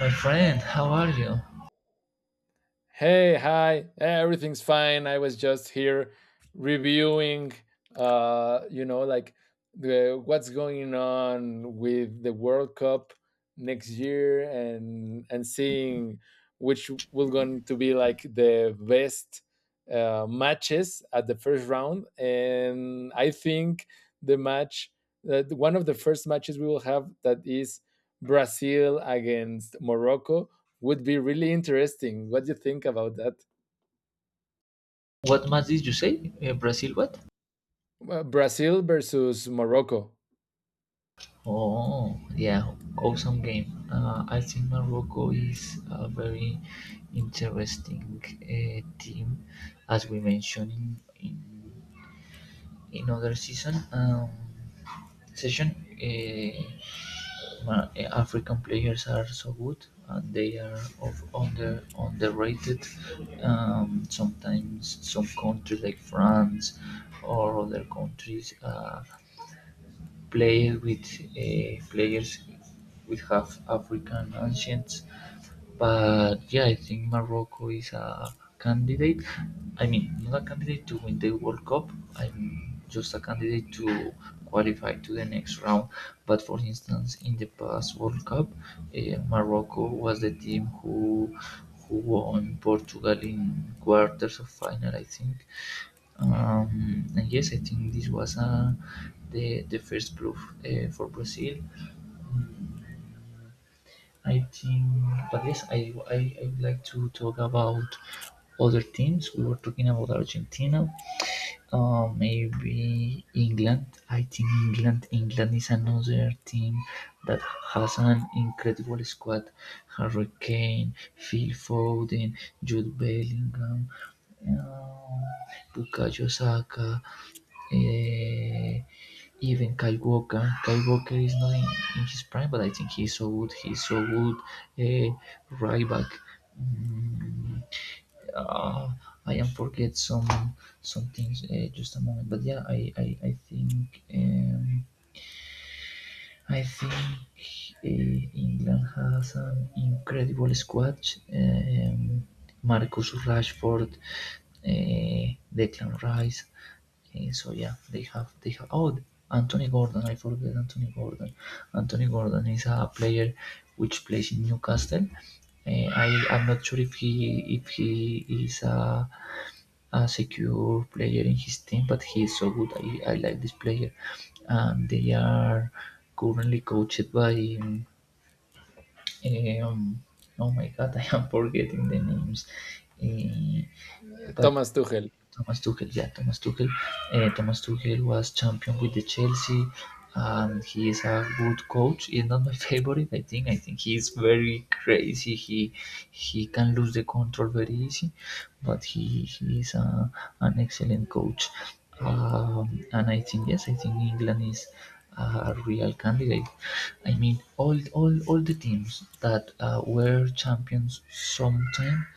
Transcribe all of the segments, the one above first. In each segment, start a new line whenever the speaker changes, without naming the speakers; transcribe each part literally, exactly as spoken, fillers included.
My friend, how are you?
Hey, hi, yeah, everything's fine. I was just here reviewing, uh, you know, like the what's going on with the World Cup next year and and seeing which will going to be like the best uh, matches at the first round. And I think the match that one of the first matches we will have that is Brazil against Morocco would be really interesting. What do you think about that?
What match did you say? Uh, Brazil what?
Well, Brazil versus Morocco.
Oh, yeah, awesome game. Uh, I think Morocco is a very interesting uh, team, as we mentioned in in, in other season um, session. Uh, uh, African players are so good, and they are of under underrated. Um, sometimes some countries like France or other countries. Uh, Played with uh, players with half African ancients, but yeah, I think Morocco is a candidate. I mean, not a candidate to win the World Cup. I'm just a candidate to qualify to the next round. But for instance, in the past World Cup, eh, Morocco was the team who who won Portugal in quarters of final, I think. Um, and yes, I think this was uh, the the first proof uh, for Brazil. Mm, I think, but yes, I, I I would like to talk about other teams. We were talking about Argentina, uh, maybe England. I think England. England is another team that has an incredible squad. Harry Kane, Phil Foden, Jude Bellingham, uh, Bukayo Saka, eh, even Kyle Walker. Kyle Walker is not in, in his prime, but I think he's so good. He's so good. Uh, right back. Mm, uh, I am forget some some things uh, just a moment. But yeah, I I, I think um, I think eh, England has an incredible squad. Um, Marcus Rashford, eh, Declan Rice. Eh, so yeah, they have they have. Oh, Anthony Gordon. I forget Anthony Gordon. Anthony Gordon is a player which plays in Newcastle. Eh, I I'm not sure if he if he is a a secure player in his team, but he is so good. I, I like this player. Um, they are currently coached by um, oh my god, I am forgetting the names. Eh, but
Thomas Tuchel.
Thomas Tuchel, yeah, Thomas Tuchel. Uh, Thomas Tuchel was champion with the Chelsea. Um, he is a good coach. He's not my favorite. I think. I think he's very crazy. He he can lose the control very easy, but he he is a, an excellent coach. Um, and I think yes, I think England is a real candidate. I mean, all all all the teams that uh, were champions sometime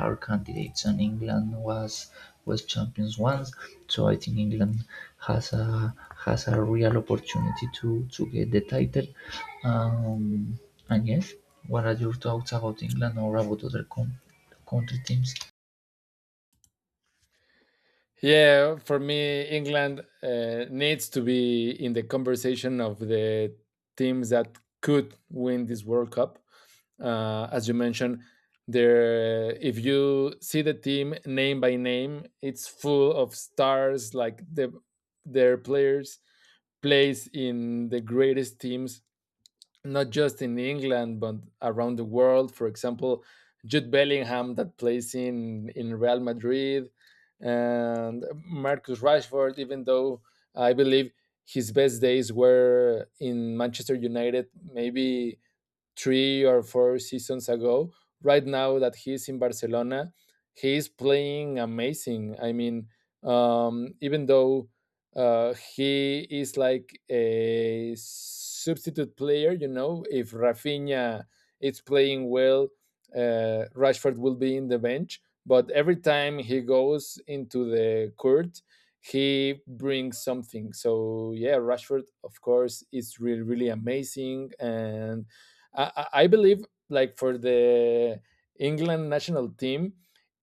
are candidates, and England was was champions once, so I think England has a has a real opportunity to to get the title. Um, and yes, what are your thoughts about England or about other com- country teams?
Yeah, for me, England uh, needs to be in the conversation of the teams that could win this World Cup. Uh, as you mentioned, there, if you see the team name by name, it's full of stars. Like the, their players plays in the greatest teams not just in England but around the world. For example, Jude Bellingham that plays in in Real Madrid, and Marcus Rashford. Even though I believe his best days were in Manchester United, maybe three or four seasons ago. Right now that he's in Barcelona, he's playing amazing. I mean, um, even though uh, he is like a substitute player, you know, if Rafinha is playing well, uh, Rashford will be in the bench. But every time he goes into the court, he brings something. So yeah, Rashford, of course, is really really amazing. And I, I believe, like for the England national team,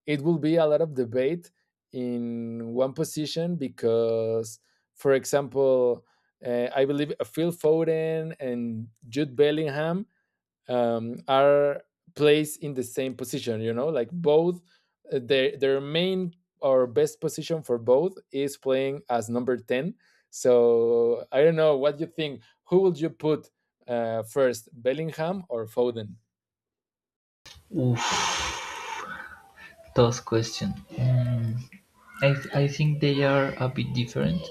it will be a lot of debate in one position because, for example, uh, I believe Phil Foden and Jude Bellingham um, are placed in the same position, you know, like both, uh, their their main or best position for both is playing as number ten. So I don't know what you think, who would you put uh, first, Bellingham or Foden?
Oof, tough question. Um, I, th- I think they are a bit different.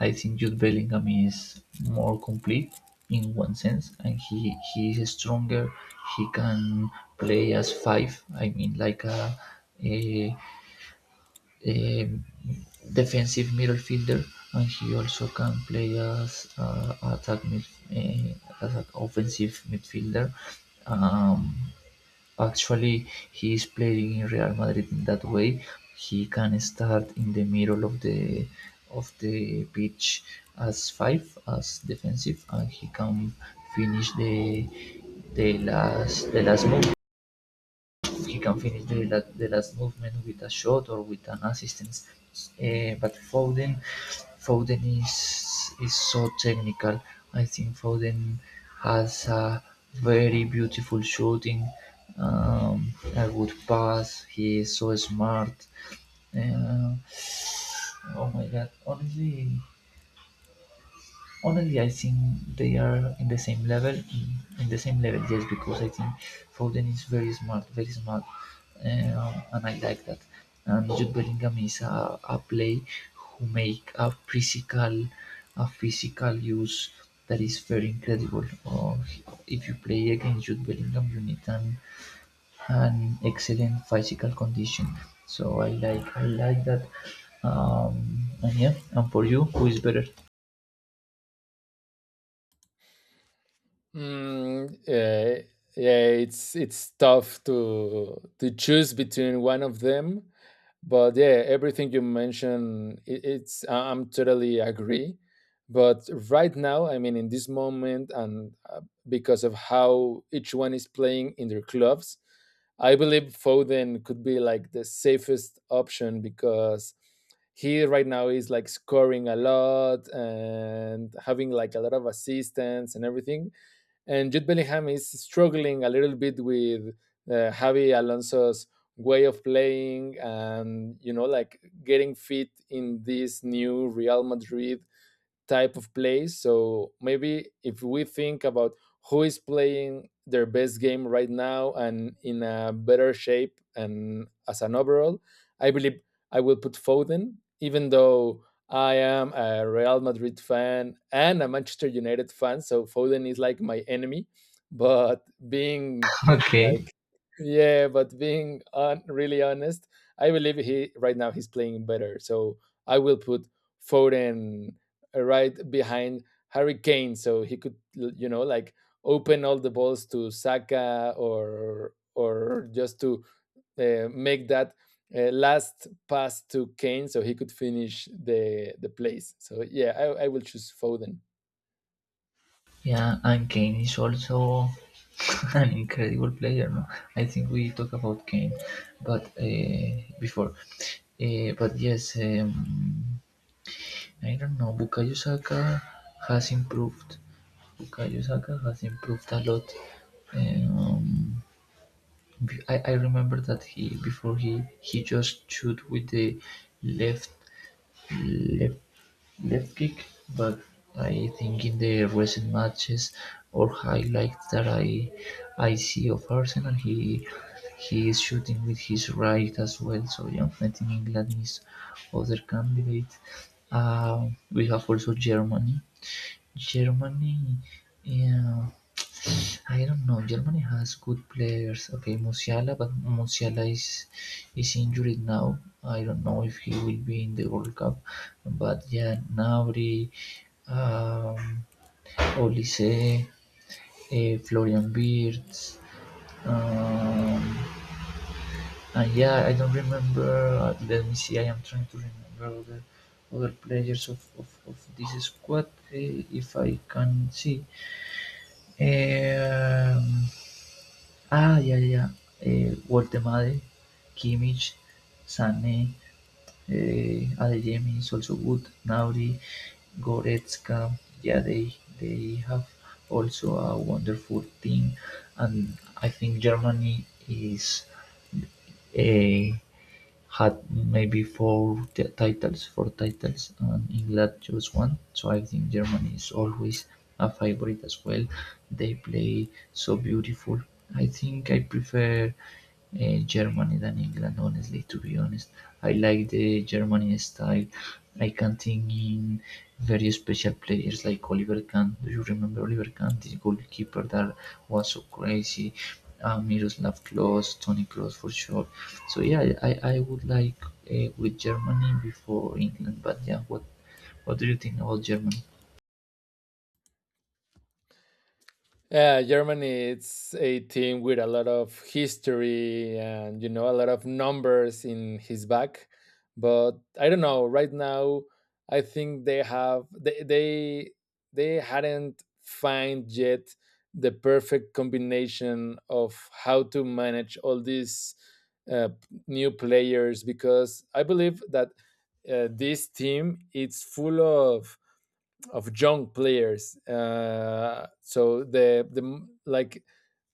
I think Jude Bellingham is more complete in one sense, and he he is stronger. He can play as five. I mean, like a, a a defensive midfielder, and he also can play as uh, attack mid, uh, as an offensive midfielder. Um, Actually, he is playing in Real Madrid in that way. He can start in the middle of the of the pitch as five as defensive, and he can finish the the last the last move he can finish the, the last movement with a shot or with an assistance. Eh, but Foden, Foden is is so technical. I think Foden has a very beautiful shooting, um, a good pass. He is so smart. Uh, oh my god! Honestly, Honestly, I think they are in the same level, mm, in the same level. Yes, because I think Foden is very smart, very smart, um, and I like that. And Jude Bellingham is a, a play who make a physical, a physical use that is very incredible. Or if you play against Jude Bellingham, you need an, an excellent physical condition. So I like, I like that. Um, and yeah, and for you, who is better?
mm, yeah, yeah, it's it's tough to to choose between one of them, but yeah, everything you mentioned, it, it's, I- i'm totally agree. But right now, I mean in this moment, and uh, because of how each one is playing in their clubs, I believe Foden could be like the safest option because he right now is like scoring a lot and having like a lot of assistance and everything. And Jude Bellingham is struggling a little bit with uh, Javi Alonso's way of playing, and you know, like getting fit in this new Real Madrid type of plays. So maybe if we think about who is playing their best game right now and in a better shape and as an overall, I believe I will put Foden, even though I am a Real Madrid fan and a Manchester United fan. So Foden is like my enemy. But being
Okay.
like, yeah, but being on, really honest, I believe he right now he's playing better. So I will put Foden uh, right behind Harry Kane, so he could, you know, like open all the balls to Saka, or or just to uh, make that uh, last pass to Kane, so he could finish the the plays. So yeah, I, I will choose Foden.
Yeah, and Kane is also an incredible player. No, I think we talk about Kane, but uh, before, uh, but yes, um, I don't know. Bukayo Saka has improved. Bukayo Saka has improved a lot. Um, be- I, I remember that he before he he just shoot with the left left left-kick, but I think in the recent matches or highlights that I I see of Arsenal, he he is shooting with his right as well. So yeah, I think England is other candidate. Uh, we have also Germany. Germany, yeah, I don't know. Germany has good players. Okay, Musiala, but Musiala is is injured now. I don't know if he will be in the World Cup. But yeah, Nabri, um, Olise, uh, Florian Wirtz, um, and yeah, I don't remember. Let me see. I am trying to remember other other players of of, of this squad uh, if I can see. Um, Ah, yeah, yeah. yeah. Uh, Wortemade, Kimmich, Sané, uh, Adeyemi is also good. Nauri, Goretzka, yeah, they they have also a wonderful team, and I think Germany is uh, had maybe four titles, four titles, and England just one. So I think Germany is always a favorite as well. They play so beautiful. I think I prefer uh, Germany than England, honestly, to be honest. I like the Germany style. I can think in very special players like Oliver Kahn. Do you remember Oliver Kahn, this goalkeeper that was so crazy? Uh, Miroslav Klose, Tony Kroos for sure. So yeah, I, I would like uh, with Germany before England, but yeah, what what do you think about Germany?
Yeah, Germany it's a team with a lot of history and you know a lot of numbers in his back. But I don't know, right now I think they have they they, they hadn't find yet the perfect combination of how to manage all these uh, new players because I believe that uh, this team it's full of of young players. Uh, so the the like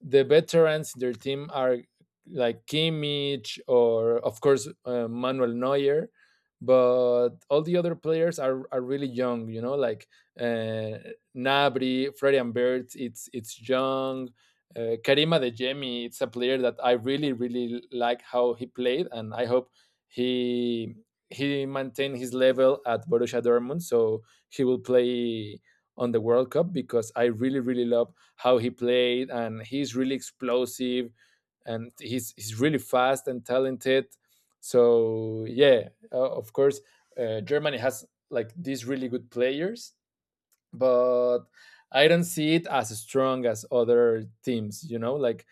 the veterans in their team are like Kimmich or of course uh, Manuel Neuer, but all the other players are, are really young. You know, like uh, Nabri, Freddy and Bert. It's it's young. Uh, Karima De it's a player that I really really like how he played, and I hope he he maintained his level at Borussia Dortmund. So he will play on the World Cup because I really really love how he played, and he's really explosive, and he's he's really fast and talented. So yeah, uh, of course, uh, Germany has like these really good players, but I don't see it as strong as other teams. You know, like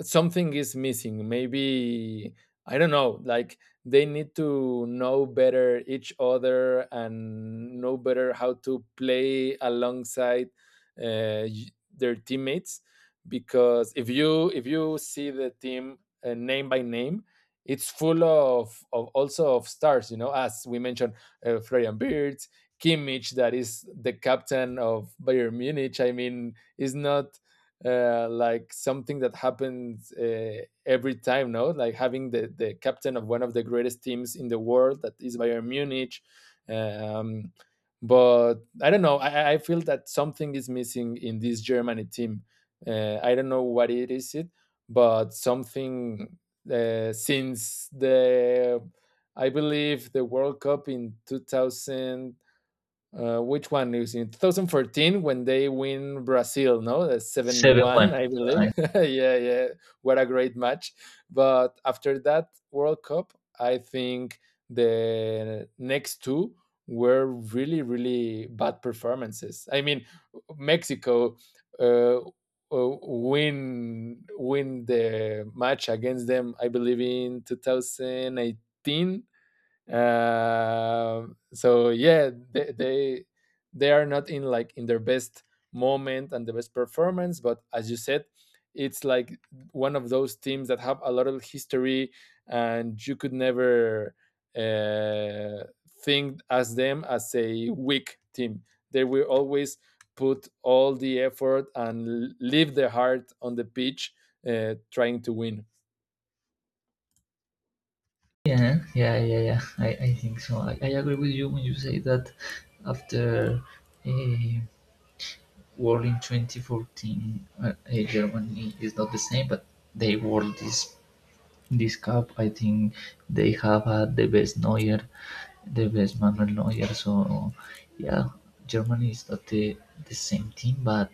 something is missing, maybe, I don't know, like they need to know better each other and know better how to play alongside uh, y- their teammates, because if you if you see the team uh, name by name, it's full of, of also of stars, you know, as we mentioned, uh, Florian Beard, Kimmich that is the captain of Bayern Munich. I mean is not uh, like something that happens uh, every time, no? Like having the, the captain of one of the greatest teams in the world that is Bayern Munich. Um, but I don't know. I, I feel that something is missing in this Germany team. Uh, I don't know what it is, it, but something uh, since the, I believe, the World Cup in two thousand. Uh, which one is in twenty fourteen when they win Brazil? No, that's seven
Seven one.
one, I believe. Yeah, yeah. What a great match! But after that World Cup, I think the next two were really, really bad performances. I mean, Mexico uh, uh, win win the match against them. I believe in twenty eighteen. um so yeah, they, they they are not in like in their best moment and the best performance, but as you said, it's like one of those teams that have a lot of history, and you could never uh, think as them as a weak team. They will always put all the effort and l- leave their heart on the pitch uh, trying to win.
Yeah, yeah, yeah, yeah. I, I think so. I, I agree with you when you say that after a war in twenty fourteen, uh, eh, Germany is not the same, but they won this This cup, I think they have had the best Neuer, the best Manuel Neuer. So yeah, Germany is not the, the same team, but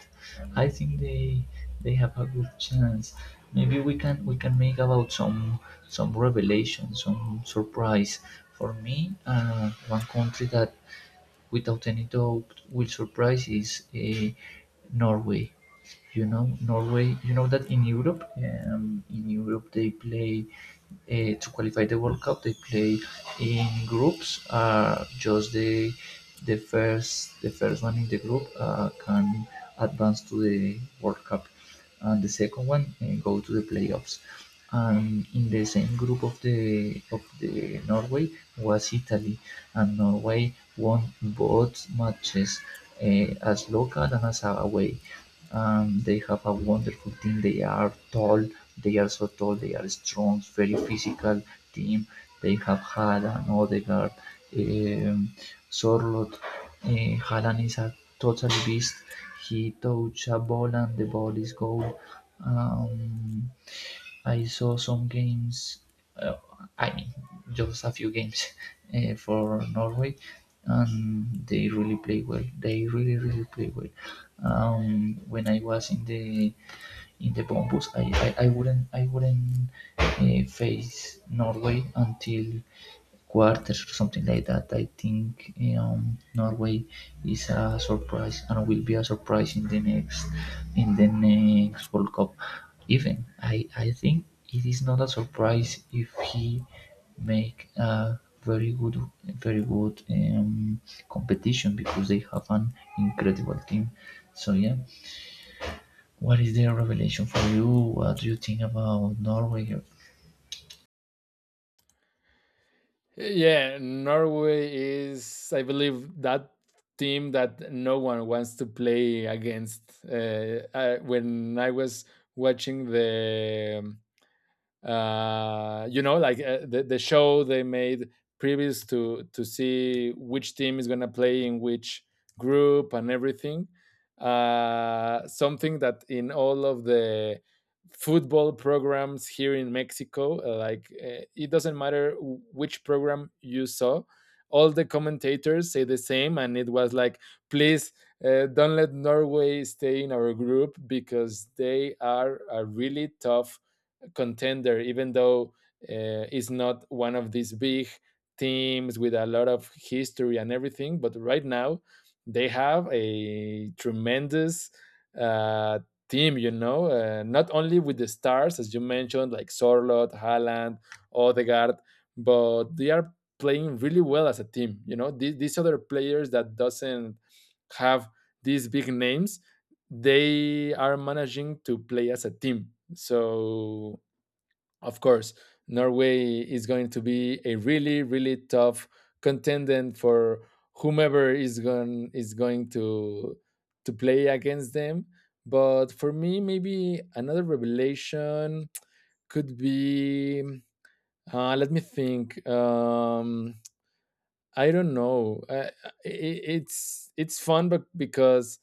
I think they they have a good chance. Maybe we can we can make about some some revelation, some surprise. For me, uh, one country that without any doubt will surprise is uh, Norway. You know, Norway. You know that in Europe, um, in Europe they play uh, to qualify the World Cup. They play in groups. Uh, just the the first the first one in the group uh, can advance to the World Cup, and the second one uh, go to the playoffs. And in the same group of the of the Norway was Italy, and Norway won both matches uh, as local and as away. Um, they have a wonderful team. They are tall. They are so tall, they are strong, very physical team. They have Haaland, Odegaard, um, Sorlot. Uh, Haaland is a total beast. He touch a ball and the ball is goal. Um, I saw some games, uh, I mean, just a few games uh, for Norway, and they really play well. They really, really play well. Um, when I was in the in the Bombus. I, I, I wouldn't I wouldn't uh, face Norway until quarters or something like that. I think eh, um, Norway is a surprise and will be a surprise in the next in the next World Cup. Even I, I think it is not a surprise if he make a very good very good um, competition because they have an incredible team. So yeah, what is their revelation for you? What do you think about Norway?
Yeah, Norway is, I believe, that team that no one wants to play against. Uh, I, when I was watching the um, uh, you know, like uh, the, the show they made previous to to see which team is gonna play in which group and everything. Uh, something that in all of the football programs here in Mexico, uh, like uh, it doesn't matter w- which program you saw, all the commentators say the same, and it was like, please uh, don't let Norway stay in our group because they are a really tough contender, even though uh, it's not one of these big teams with a lot of history and everything. But right now, they have a tremendous uh, team, you know, uh, not only with the stars, as you mentioned, like Sorloth, Haaland, Odegaard, but they are playing really well as a team. You know, these, these other players that doesn't have these big names, they are managing to play as a team. So of course, Norway is going to be a really, really tough contender for whomever is going is going to to play against them. But for me, maybe another revelation could be. Uh, let me think. Um, I don't know. Uh, it, it's it's fun, but because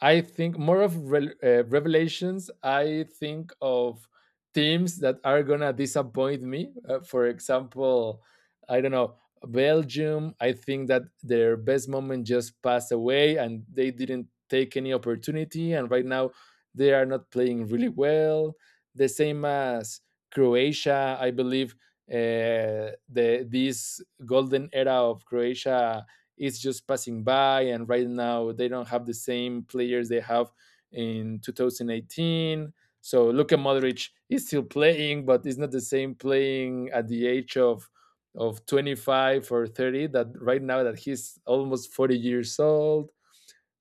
I think more of rel uh, revelations. I think of teams that are gonna disappoint me. Uh, for example, I don't know, Belgium. I think that their best moment just passed away, and they didn't take any opportunity. And right now, they are not playing really well. The same as Croatia. I believe uh, the this golden era of Croatia is just passing by, and right now they don't have the same players they have in twenty eighteen. So Luka Modric is still playing, but it's not the same playing at the age of of twenty-five or thirty that right now that he's almost forty years old.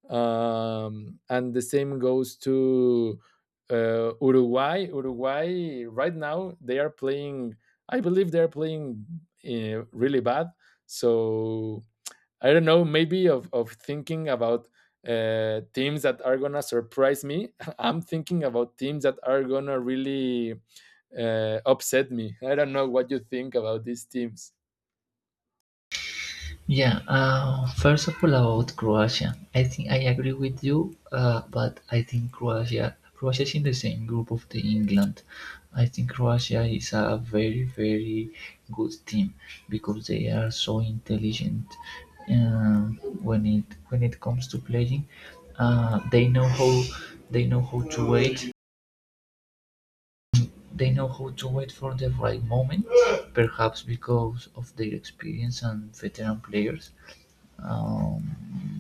um, and the same goes to uh, Uruguay. Uruguay right now they are playing, I believe they're playing uh, really bad. So I don't know, maybe of, of thinking about uh, teams that are gonna surprise me. I'm thinking about teams that are gonna really uh, upset me. I don't know what you think about these teams.
Yeah, uh, first of all about Croatia, I think I agree with you, uh, but I think Croatia, Croatia is in the same group of the England. I think Croatia is a very very good team because they are so intelligent um, when it when it comes to playing. Uh, they know how they know how to wait. They know how to wait for the right moment, perhaps because of their experience and veteran players. Um,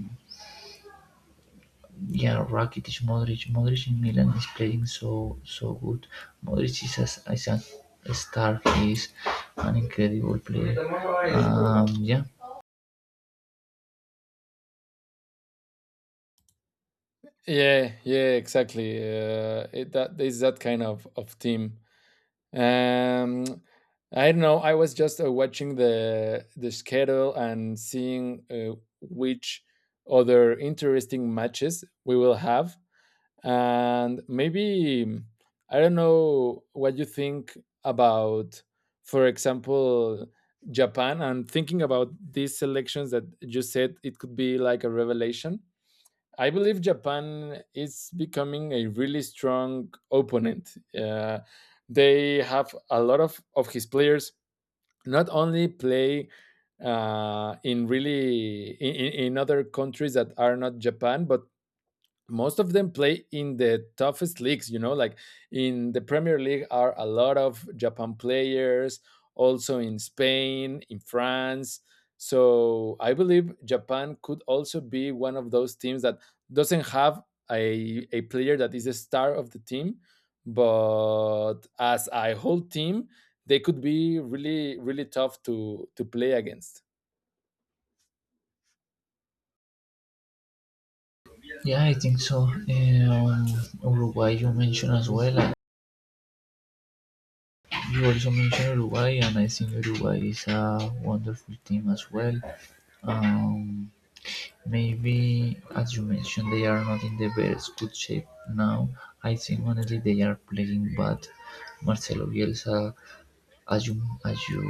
yeah, Rakitic, Modric, Modric in Milan is playing so so good. Modric is a, is a star. He is an incredible player. Um, yeah,
Yeah, yeah, exactly. Uh, it, that is that kind of of team. Um, I don't know. I was just uh, watching the the schedule and seeing uh, which other interesting matches we will have. And maybe I don't know what you think about, for example, Japan. I'm thinking about these selections that you said it could be like a revelation. I believe Japan is becoming a really strong opponent. Uh, they have a lot of, of his players not only play uh, in really in, in in other countries that are not Japan, but most of them play in the toughest leagues, you know, like in the Premier League are a lot of Japan players, also in Spain, in France. So I believe Japan could also be one of those teams that doesn't have a, a player that is a star of the team, but as a whole team they could be really really tough to to play against.
yeah, I think so. Um, Uruguay, you mentioned as well. Uh, You also mentioned Uruguay, and I think Uruguay is a wonderful team as well. Um, Maybe, as you mentioned, they are not in the best good shape now. I think honestly they are playing bad. Marcelo Bielsa, as you as you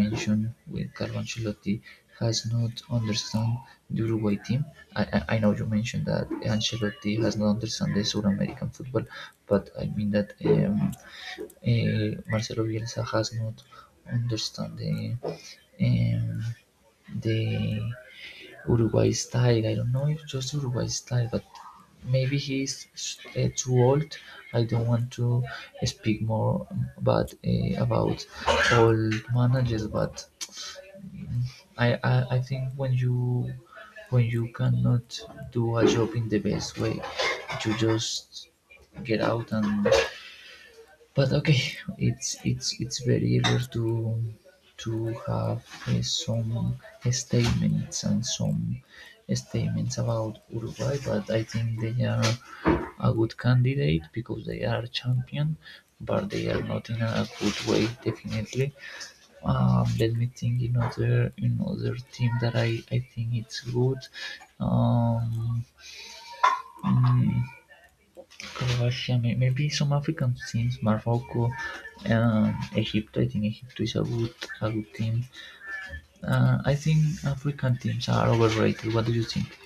mentioned with Carlo Ancelotti, has not understand the Uruguay team. I, I I know you mentioned that Ancelotti has not understand the South American football, but I mean that um, uh, Marcelo Bielsa has not understand the um, the Uruguay style. I don't know if just Uruguay style, but maybe he's uh, too old. I don't want to speak more but uh, about old managers, but I, I I think when you when you cannot do a job in the best way, you just get out and but okay it's it's it's very rare to to have uh, some statements and some statements about Uruguay but I think they are a good candidate because they are champion but they are not in a good way definitely. Um, let me think in other in other team that I, I think it's good um, mm, Croatia, maybe some African teams, Morocco, um, Egypt. I think Egypt is a good, a good team. Uh, I think African teams are overrated. What do you think?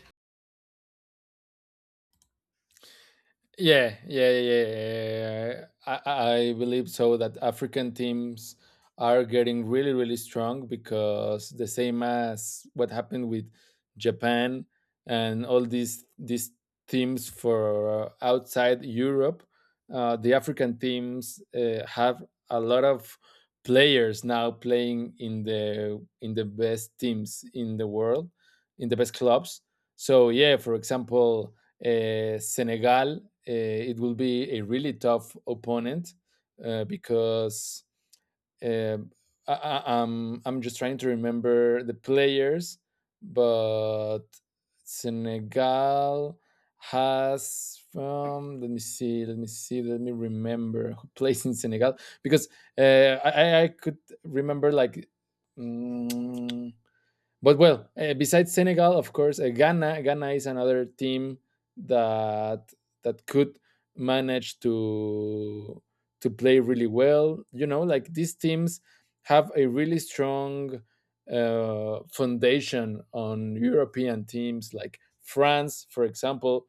Yeah, yeah, yeah, yeah, yeah, yeah, yeah. I, I believe so that African teams are getting really, really strong because the same as what happened with Japan and all these these teams for uh, outside Europe. Uh, the African teams uh, have a lot of players now playing in the in the best teams in the world, in the best clubs. So yeah, for example, uh, Senegal, uh, it will be a really tough opponent uh, because um, I, I, I'm I'm just trying to remember the players, but Senegal has from, let me see let me see let me remember who plays in Senegal because uh, I I could remember like. mm, but well, uh, besides Senegal, of course, uh, Ghana. Ghana is another team that that could manage to to play really well. You know, like these teams have a really strong uh, foundation on European teams, like France, for example.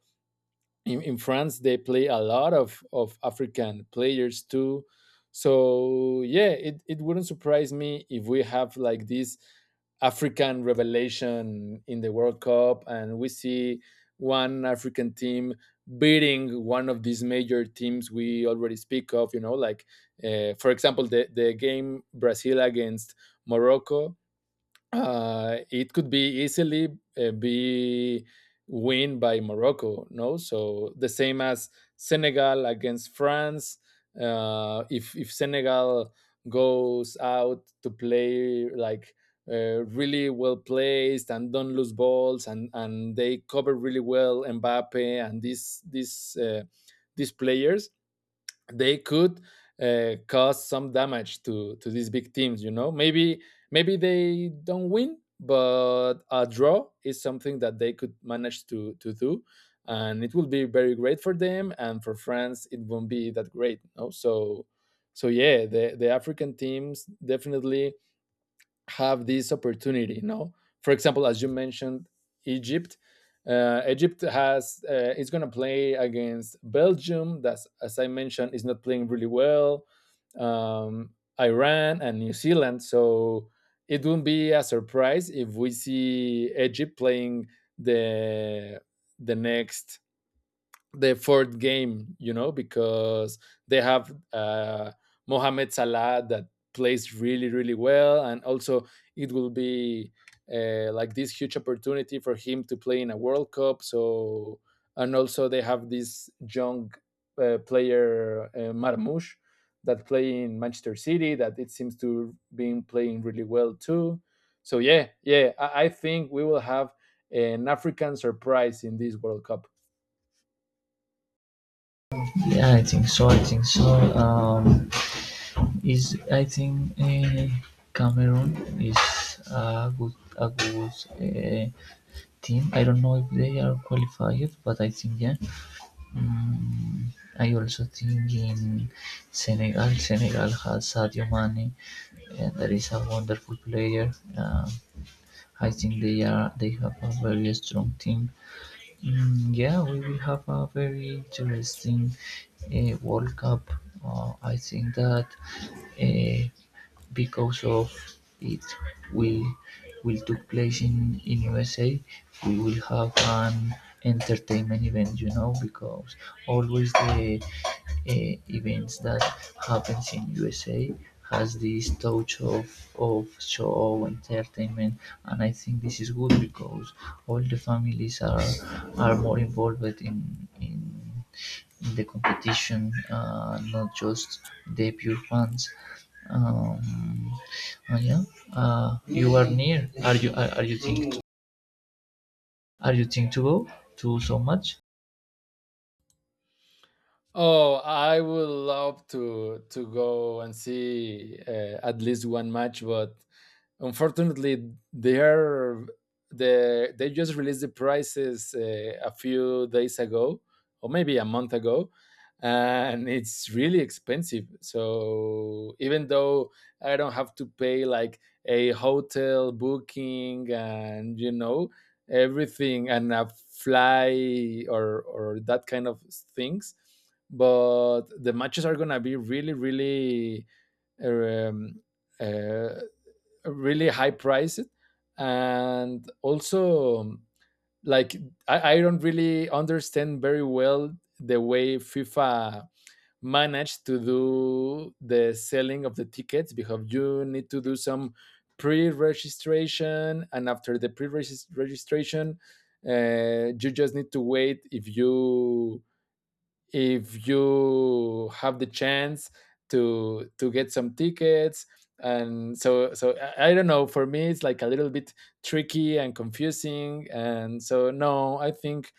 In, in France they play a lot of, of African players too. So yeah, it, it wouldn't surprise me if we have like this African revelation in the World Cup and we see one African team beating one of these major teams we already speak of, you know, like uh, for example the, the game Brazil against Morocco, uh, it could be easily uh, be win by Morocco. No, so the same as Senegal against France. Uh, if if Senegal goes out to play like uh, really well placed and don't lose balls and and they cover really well Mbappe and these these uh, these players, they could uh, cause some damage to to these big teams. You know, maybe maybe they don't win, but a draw is something that they could manage to to do, and it will be very great for them. And for France, it won't be that great. No, so so yeah, the the African teams definitely have this opportunity. You know, for example, as you mentioned, Egypt. Uh, Egypt has, uh, is going to play against Belgium. That's, as I mentioned, is not playing really well. Um, Iran and New Zealand. So it wouldn't be a surprise if we see Egypt playing the the next the fourth game, you know, because they have uh, Mohamed Salah that plays really, really well. And also, it will be uh, like this huge opportunity for him to play in a World Cup. So, and also, they have this young uh, player, uh, Marmoush, that play in Manchester City, that it seems to be playing really well too. So, yeah, yeah, I, I think we will have an African surprise in this World Cup.
Yeah, I think so. I think so. Um, is I think uh, Cameroon is a good, a good uh, team. I don't know if they are qualified, but I think yeah. Mm, I also think in Senegal, Senegal has Sadio Mane, and that is a wonderful player. Um I think they are they have a very strong team. Mm, yeah, we will have a very interesting uh, World Cup. Uh, I think that. Uh, because of it will will took place in U S A, we will have an entertainment event, you know, because always the uh, events that happens in U S A has this touch of, of show entertainment and I think this is good because all the families are are more involved in in, in the competition uh, not just the pure fans. um, uh, yeah. Uh, you are near. Are you are, are you think are you think to go to so much?
Oh, I would love to to go and see, uh, at least one match, but unfortunately they are the they just released the prices uh, a few days ago or maybe a month ago, and it's really expensive. So even though I don't have to pay like a hotel booking and, you know, everything, and a fly, or or that kind of things, but the matches are gonna be really, really, um, uh, really high priced. And also, like, I, I don't really understand very well the way FIFA managed to do the selling of the tickets, because you need to do some pre-registration, and after the pre-registration, uh, you just need to wait if you, if you have the chance to to get some tickets. And so so I, I don't know, for me it's like a little bit tricky and confusing. And so, no, I think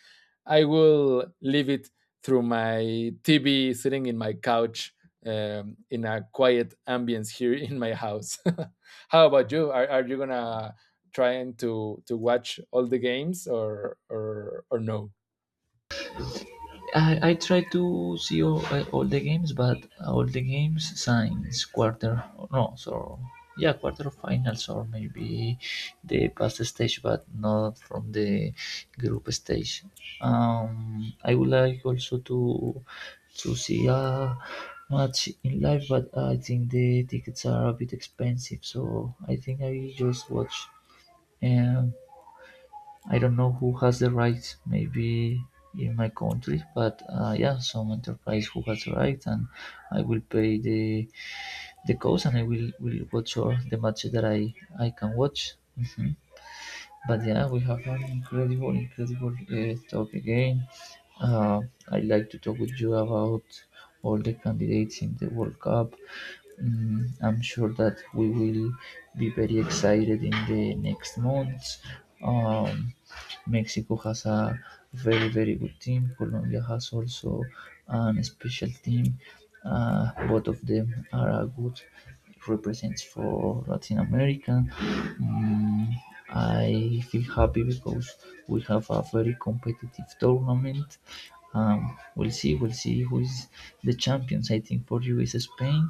I will leave it through my TV sitting in my couch, um, in a quiet ambience here in my house. How about you, are, are you gonna trying to to watch all the games or or or no?
I, I try to see all, uh, all the games, but all the games since quarter no, so yeah, quarterfinals or maybe the past stage, but not from the group stage. Um, I would like also to to see a match in live, but I think the tickets are a bit expensive, so I think I just watch. Um, I don't know who has the rights. Maybe in my country, but uh, yeah, some enterprise who has the right, and I will pay the the cost, and I will will watch all the matches that I I can watch. Hmm. But yeah, we have an incredible, incredible uh, talk again. Uh, I like to talk with you about all the candidates in the World Cup. Mm, I'm sure that we will be very excited in the next months. Um, Mexico has a very very good team. Colombia has also an special team. Uh, both of them are a good represents for Latin America. Mm, I feel happy because we have a very competitive tournament. Um, we'll see, we'll see who is the champions. I think for you is Spain.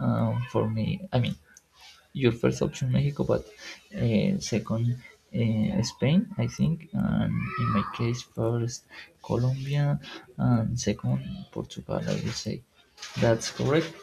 Um, for me, I mean, your first option Mexico, but uh, second uh, Spain, I think, and in my case first Colombia and second Portugal. I would say that's correct.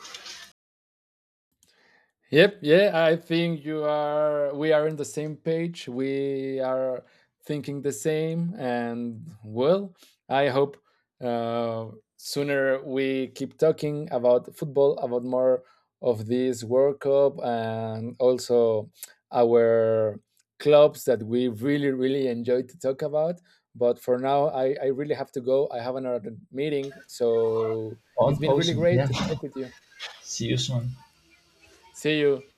Yep, yeah, I think you are, we are in the same page. We are thinking the same. And well, I hope, uh, sooner we keep talking about football, about more of this World Cup, and also our clubs that we really, really enjoy to talk about. But for now, I, I really have to go. I have another meeting, so it's
On
been really
awesome,
great
yeah.
to talk with you.
See you soon.
See you.